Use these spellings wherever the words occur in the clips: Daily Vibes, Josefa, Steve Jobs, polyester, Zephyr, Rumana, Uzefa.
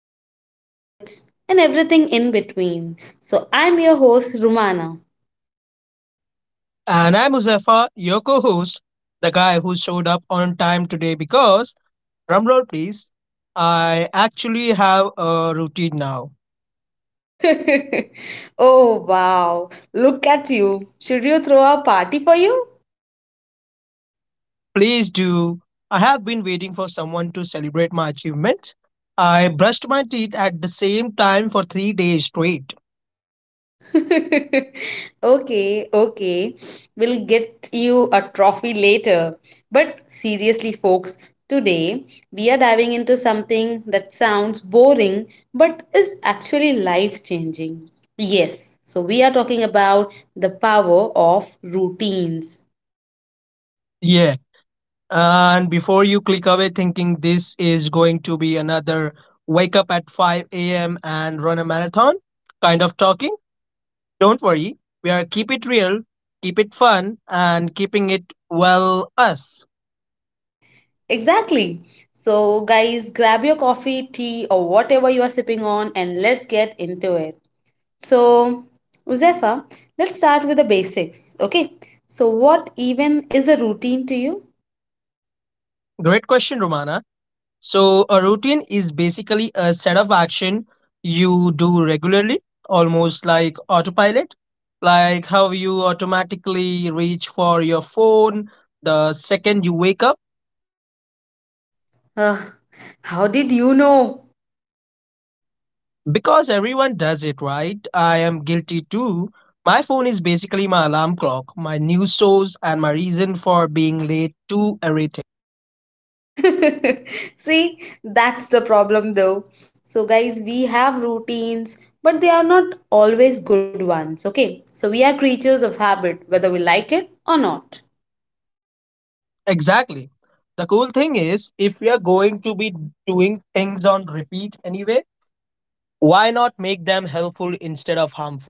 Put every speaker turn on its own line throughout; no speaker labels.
life, habits, and everything in between. So, I'm your host, Rumana.
And I'm Muzaffar, your co host, the guy who showed up on time today because, drumroll please, I actually have a routine now.
Oh wow, look at you. Should you throw a party for you?
Please do. I have been waiting for someone to celebrate my achievements. I brushed my teeth at the same time for 3 days straight.
Okay, okay. We'll get you a trophy later. But seriously, folks, today we are diving into something that sounds boring but is actually life changing. Yes, so we are talking about the power of routines.
Yeah. And before you click away thinking this is going to be another wake up at 5 a.m. and run a marathon kind of talking, don't worry, we are keep it real, keep it fun, and keeping it well us.
Exactly. So, guys, grab your coffee, tea, or whatever you are sipping on and let's get into it. So, Uzefa, let's start with the basics, okay? So, what even is a routine to you?
Great question, Romana. So a routine is basically a set of action you do regularly, almost like autopilot, like how you automatically reach for your phone the second you wake up.
Ugh, how did you know?
Because everyone does it, right? I am guilty too. My phone is basically my alarm clock, my news source, and my reason for being late to everything.
See, that's the problem though. So, guys, we have routines, but they are not always good ones, okay? So, we are creatures of habit, whether we like it or not.
Exactly. The cool thing is, if we are going to be doing things on repeat anyway, why not make them helpful instead of harmful?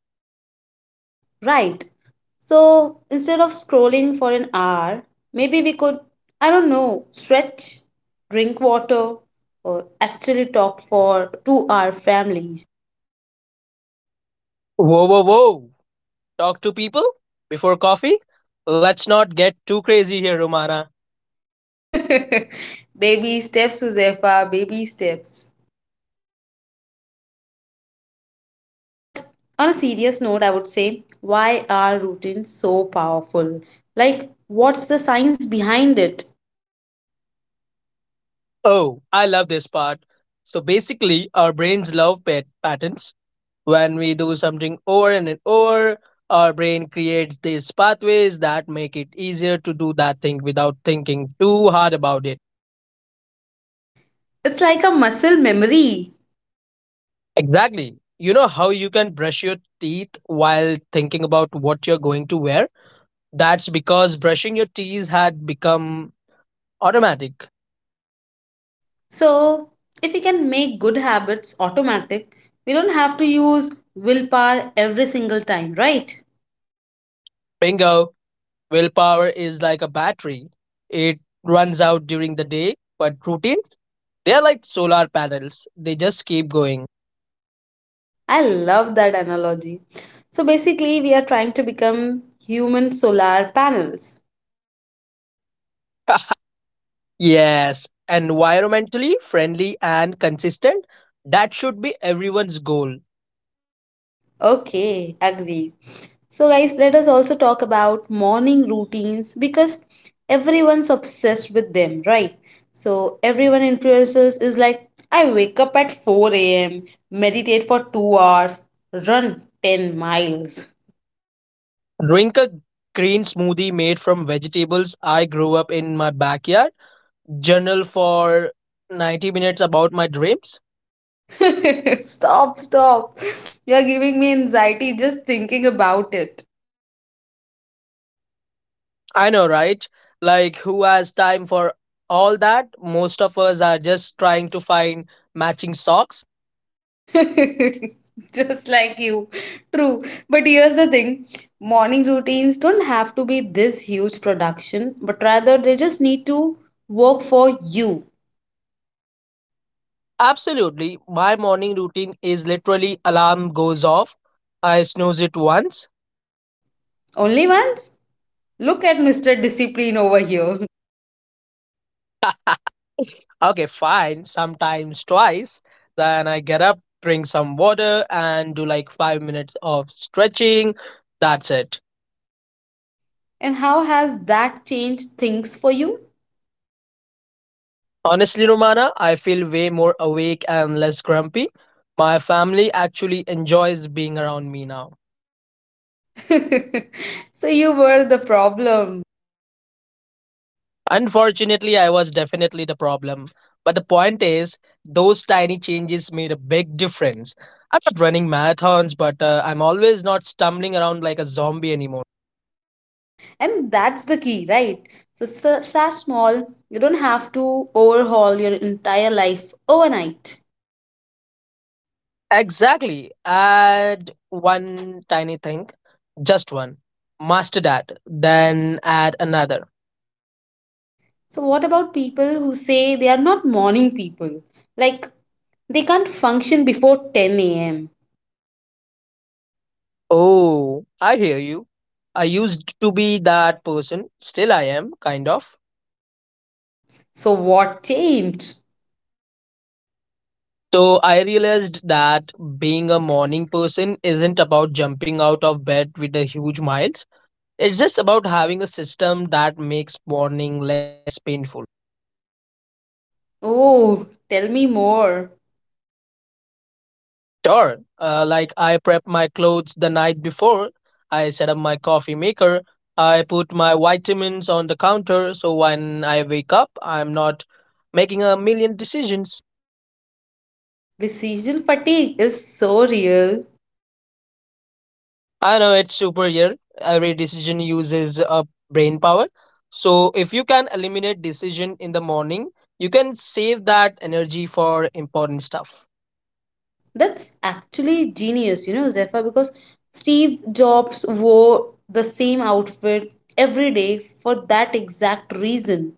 Right. So instead of scrolling for an hour, maybe we could, I don't know, stretch, drink water, or actually talk for to our families.
Whoa, whoa, whoa. Talk to people before coffee? Let's not get too crazy here, Romana.
Baby steps, Josefa, baby steps. But on a serious note, I would say, why are routines so powerful? Like, what's the science behind it?
Oh, I love this part. So basically, our brains love pet patterns. When we do something over and over, our brain creates these pathways that make it easier to do that thing without thinking too hard about it.
It's like a muscle memory.
Exactly. You know how you can brush your teeth while thinking about what you're going to wear? That's because brushing your teeth had become automatic.
So, if we can make good habits automatic, we don't have to use willpower every single time, right?
Bingo! Willpower is like a battery, it runs out during the day, but routines, they're like solar panels, they just keep going.
I love that analogy. So, basically, we are trying to become human solar panels.
Yes, environmentally friendly and consistent, that should be everyone's goal.
Okay, agree. So, guys, let us also talk about morning routines because everyone's obsessed with them, right? So, everyone influencers is like, I wake up at 4 a.m., meditate for 2 hours, run 10 miles.
Drink a green smoothie made from vegetables I grew up in my backyard, journal for 90 minutes about my dreams.
Stop, stop. You're giving me anxiety just thinking about it.
I know, right? Like, who has time for all that? Most of us are just trying to find matching socks.
Just like you. True. But here's the thing morning routines don't have to be this huge production, but rather they just need to work for you.
Absolutely. My morning routine is literally alarm goes off. I snooze it once.
Only once? Look at Mr. Discipline over here.
Okay, fine. Sometimes twice. Then I get up, drink some water, and do like 5 minutes of stretching. That's it.
And how has that changed things for you?
Honestly, Romana, I feel way more awake and less grumpy. My family actually enjoys being around me now.
So you were the problem.
Unfortunately, I was definitely the problem. But the point is, those tiny changes made a big difference. I'm not running marathons, but I'm always not stumbling around like a zombie anymore.
And that's the key, right? So start small. You don't have to overhaul your entire life overnight.
Exactly. Add one tiny thing, just one. Master that, then add another.
So, what about people who say they are not morning people? Like, they can't function before 10 a.m.
Oh, I hear you. I used to be that person. Still, I am, kind of.
So, what changed?
So, I realized that being a morning person isn't about jumping out of bed with a huge miles. It's just about having a system that makes morning less painful.
Oh, tell me more.
Sure, like I prep my clothes the night before, I set up my coffee maker, I put my vitamins on the counter so when I wake up, I'm not making a million decisions.
Decision fatigue is so real.
I know it's super here. Every decision uses a brain power. So if you can eliminate decision in the morning, you can save that energy for important stuff.
That's actually genius, Zephyr, because Steve Jobs wore the same outfit every day for that exact reason.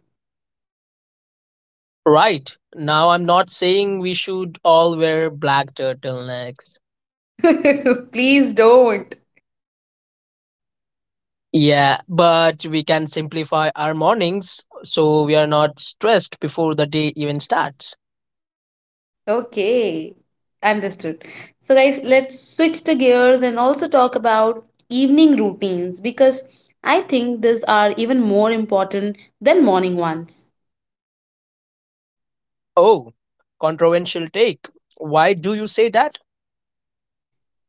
Right. Now I'm not saying we should all wear black turtlenecks.
Please don't.
Yeah, but we can simplify our mornings so we are not stressed before the day even starts.
Okay, understood. So, guys, let's switch the gears and also talk about evening routines because I think these are even more important than morning ones.
Oh, controversial take. Why do you say that?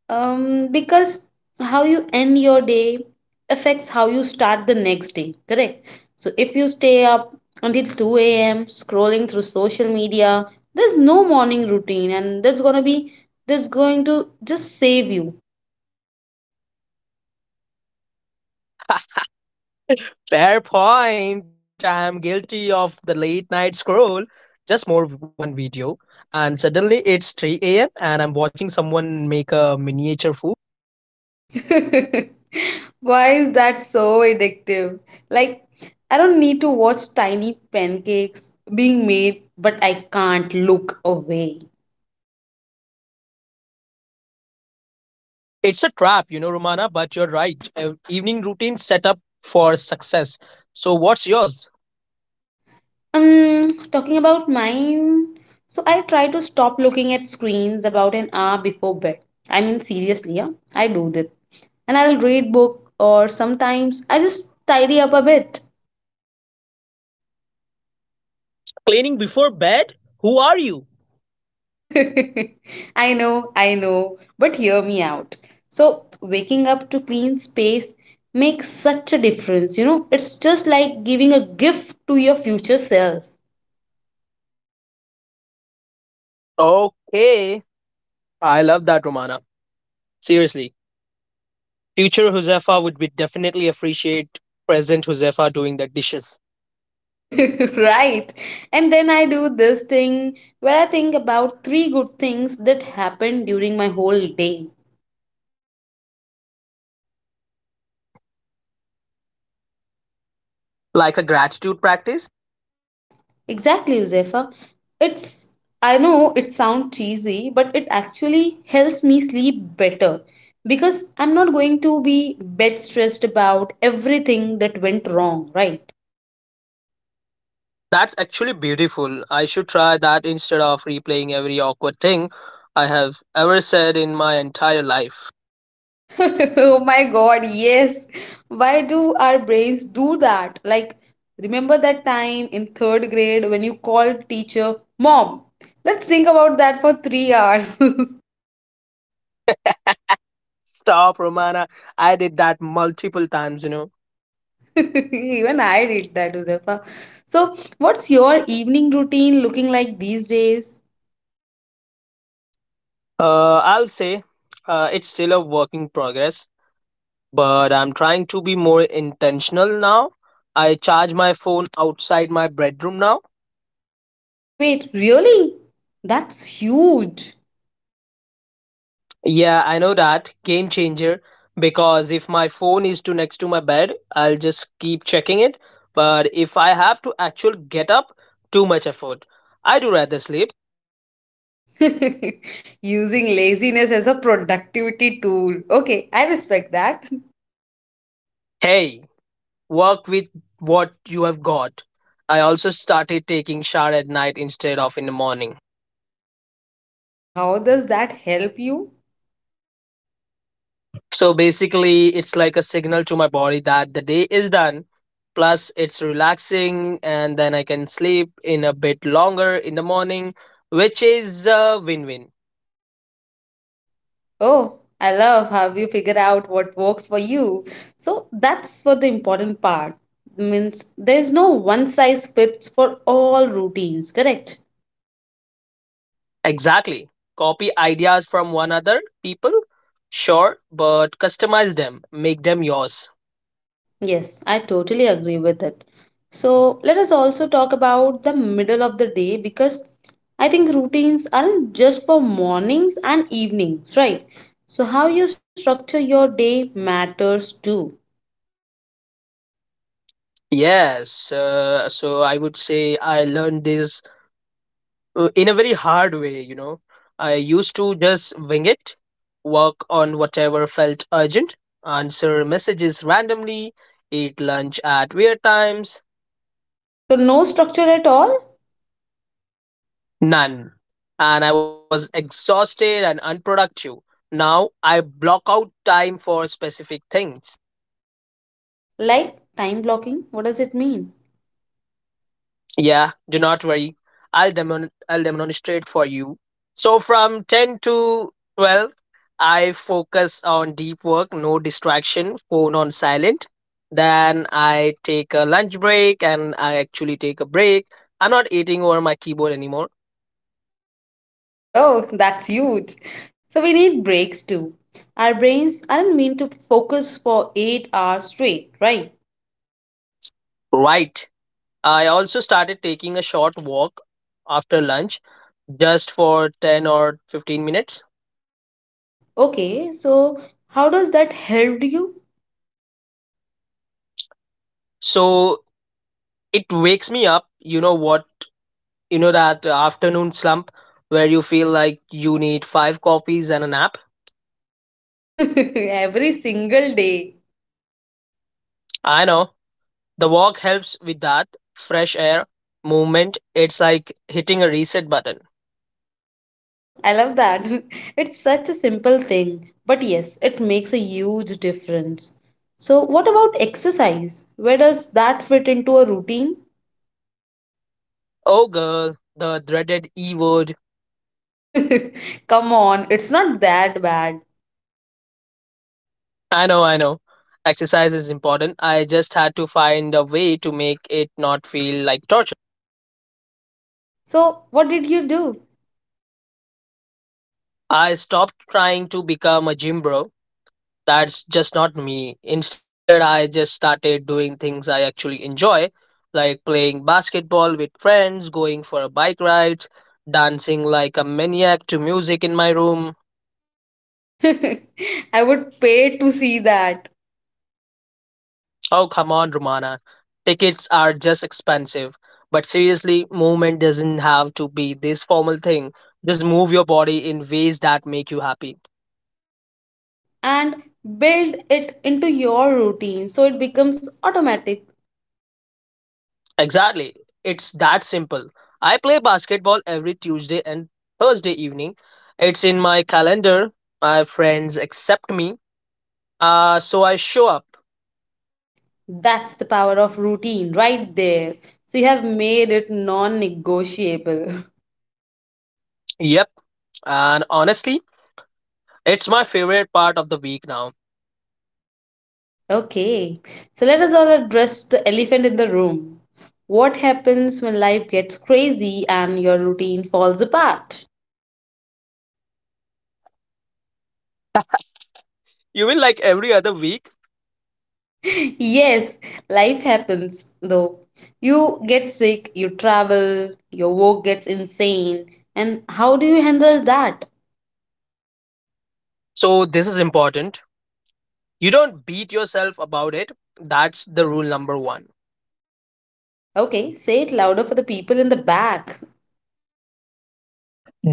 Because how you end your day affects how you start the next day, correct? So, if you stay up until 2 a.m., scrolling through social media, there's no morning routine, and that's gonna be that's going to just save you.
Fair point. I'm guilty of the late night scroll. Just more of one video, and suddenly it's 3 a.m. and I'm watching someone make a miniature food.
Why is that so addictive? Like, I don't need to watch tiny pancakes being made, but I can't look away.
It's a trap, you know, Romana, but you're right. Evening routine set up for success. So, what's yours?
Talking about mine, so I try to stop looking at screens about an hour before bed. I mean, seriously, yeah, I do that. And I'll read book or sometimes I just tidy up a bit.
Cleaning before bed? Who are you?
I know, but hear me out. So, waking up to clean space makes such a difference, you know? It's just like giving a gift to your future self.
Okay. I love that, Romana. Seriously. Future Josefa would be definitely appreciate present Josefa doing the dishes.
Right. And then I do this thing where I think about three good things that happened during my whole day.
Like a gratitude practice?
Exactly, Josefa. It's I know it sounds cheesy, but it actually helps me sleep better because I'm not going to be bed stressed about everything that went wrong, right?
That's actually beautiful. I should try that instead of replaying every awkward thing I have ever said in my entire life.
Oh my god, yes. Why do our brains do that? Like remember that time in 3rd grade when you called teacher, "Mom, let's think about that for 3 hours."
Stop, Romana. I did that multiple times, you know.
Even I did that, Josefa. So, what's your evening routine looking like these days?
I'll say it's still a work in progress, but I'm trying to be more intentional now. I charge my phone outside my bedroom now.
Wait, wait, really? That's huge.
Yeah, I know that. Game changer. Because if my phone is too next to my bed, I'll just keep checking it. But if I have to actually get up, too much effort. I do rather sleep.
Using laziness as a productivity tool. Okay, I respect that.
Hey, work with what you have got. I also started taking shower at night instead of in the morning.
And how does that help you?
So basically, it's like a signal to my body that the day is done. Plus, it's relaxing, and then I can sleep in a bit longer in the morning, which is a win win.
Oh, I love how you figure out what works for you. So, that's what the important part means there's no one size fits for all routines, correct?
Exactly. Copy ideas from one other people, sure, but customize them, make them yours.
Yes, I totally agree with it. So let us also talk about the middle of the day because I think routines aren't just for mornings and evenings, right? So how you structure your day matters too.
Yes, so I would say I learned this in a very hard way, you know. I used to just wing it, work on whatever felt urgent, answer messages randomly, eat lunch at weird times,
So no structure at all?
none. And I was exhausted and unproductive. Now I block out time for specific things.
Like time blocking? What does it mean?
Yeah, do not worry. I'll demonstrate for you. So from 10 to 12, I focus on deep work, no distraction, phone on silent. Then I take a lunch break and I actually take a break. I'm not eating over my keyboard anymore.
Oh, that's huge. So we need breaks too. Our brains aren't meant to focus for 8 hours straight, right?
Right. I also started taking a short walk after lunch just for 10 or 15 minutes.
Okay, so how does that help you?
So it wakes me up. You know that afternoon slump where you feel like you need five coffees and a nap?
Every single day.
I know. The walk helps with that fresh air, movement. It's like hitting a reset button.
Oh, I love that. It's such a simple thing, but yes, it makes a huge difference. So, what about exercise? Where does that fit into a routine?
Oh, girl, the dreaded E word.
Come on, it's not that bad.
I know, I know. Exercise is important. I just had to find a way to make it not feel like torture.
So, what did you do?
I stopped trying to become a gym bro. That's just not me. Instead, I just started doing things I actually enjoy, like playing basketball with friends, going for a bike ride, dancing like a maniac to music in my room.
I would pay to see that
Oh, come on, Romana. Tickets are just expensive. But seriously, movement doesn't have to be this formal thing. Just move your body in ways that make you happy.
and build it into your routine so it becomes automatic.
Exactly. It's that simple. I play basketball every Tuesday and Thursday evening. It's in my calendar. My friends accept me. So I show up.
That's the power of routine right there. So you have made it non negotiable.
Yep. And honestly, it's my favorite part of the week now.
Okay. So let us all address the elephant in the room. What happens when life gets crazy and your routine falls apart?
You win like every other week.
Yes, life happens though. You get sick, you travel, your work gets insane. And how do you handle that?
So this is important. You don't beat yourself about it. That's the rule number one.
Okay, say it louder for the people in the back.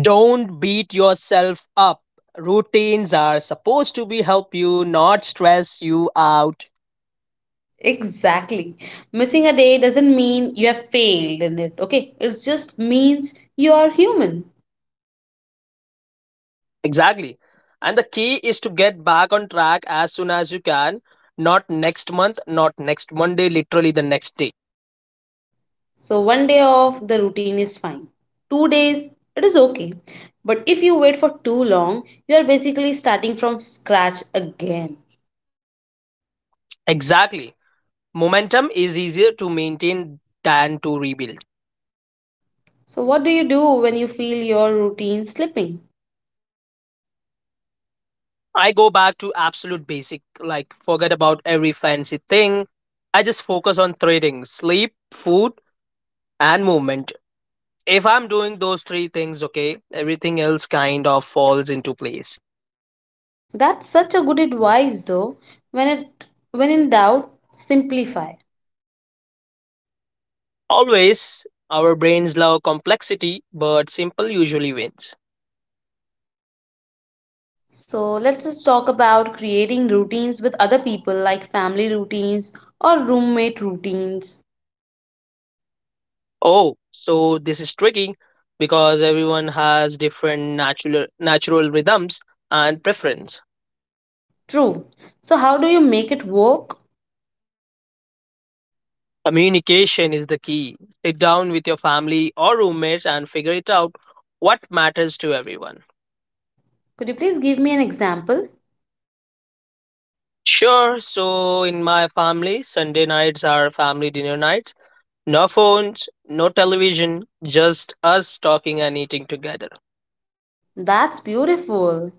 Don't beat yourself up. Routines are supposed to be help you, not stress you out.
Exactly. Missing a day doesn't mean you have failed in it, okay? It just means you are human.
Exactly. And the key is to get back on track as soon as you can, not next month, not next Monday, literally the next day.
So, one day off, the routine is fine. 2 days, it is okay. But if you wait for too long, you are basically starting from scratch again.
Exactly. Momentum is easier to maintain than to rebuild.
So, what do you do when you feel your routine slipping?
I go back to absolute basic, like forget about every fancy thing. I just focus on three things: sleep, food, and movement. If I'm doing those three things, okay, everything else kind of falls into place.
That's such a good advice, though. When it when in doubt, simplify.
Always, our brains love complexity, but simple usually wins.
So let's just talk about creating routines with other people, like family routines or roommate routines.
Oh, so this is tricky because everyone has different natural rhythms and preference.
True. So, how do you make it work?
Communication is the key. Sit down with your family or roommates and figure it out what matters to everyone.
Could you please give me an example?
Sure, so in my family, Sunday nights are family dinner nights. No phones, no television, just us talking and eating together.
That's beautiful.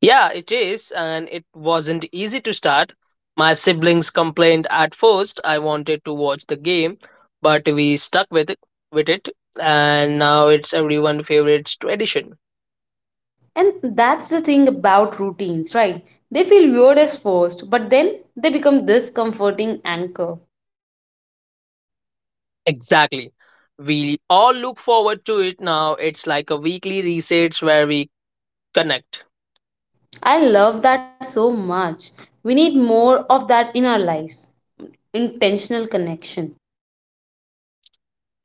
Yeah, it is, and it wasn't easy to start. My siblings complained at first I wanted to watch the game, but we stuck with it and now it's everyone's favorite tradition.
And that's the thing about routines, right? They feel weird at first, but then they become this comforting anchor.
Exactly. We all look forward to it now. It's like a weekly resets where we connect.
I love that so much. We need more of that in our lives. Intentional connection.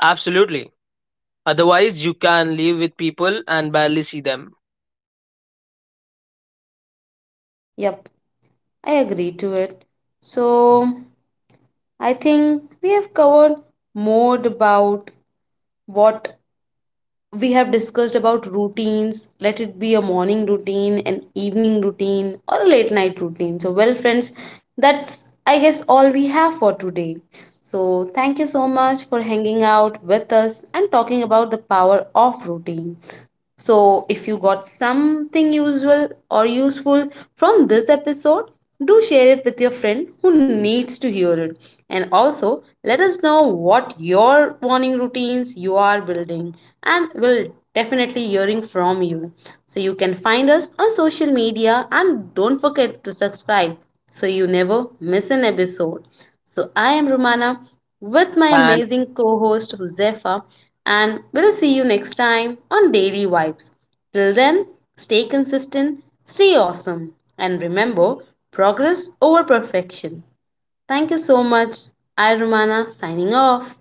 Absolutely. Otherwise, you can live with people and barely see them.
Yep, I agree to it. So, I think we have covered more about what we have discussed about routines, let it be a morning routine, an evening routine, or a late night routine. So, well, friends, that's I guess all we have for today. So, thank you so much for hanging out with us and talking about the power of routine. So, if you got something usual or useful from this episode, do share it with your friend who needs to hear it. And also, let us know what your morning routines you are building, and we'll definitely hearing from you. So you can find us on social media and don't forget to subscribe so you never miss an episode. So I am Romana with my
And
amazing co-host Josefa and we'll see you next time on Daily Vibes. Till then, stay consistent, stay awesome and remember progress over perfection. Thank you so much. I Romana signing off.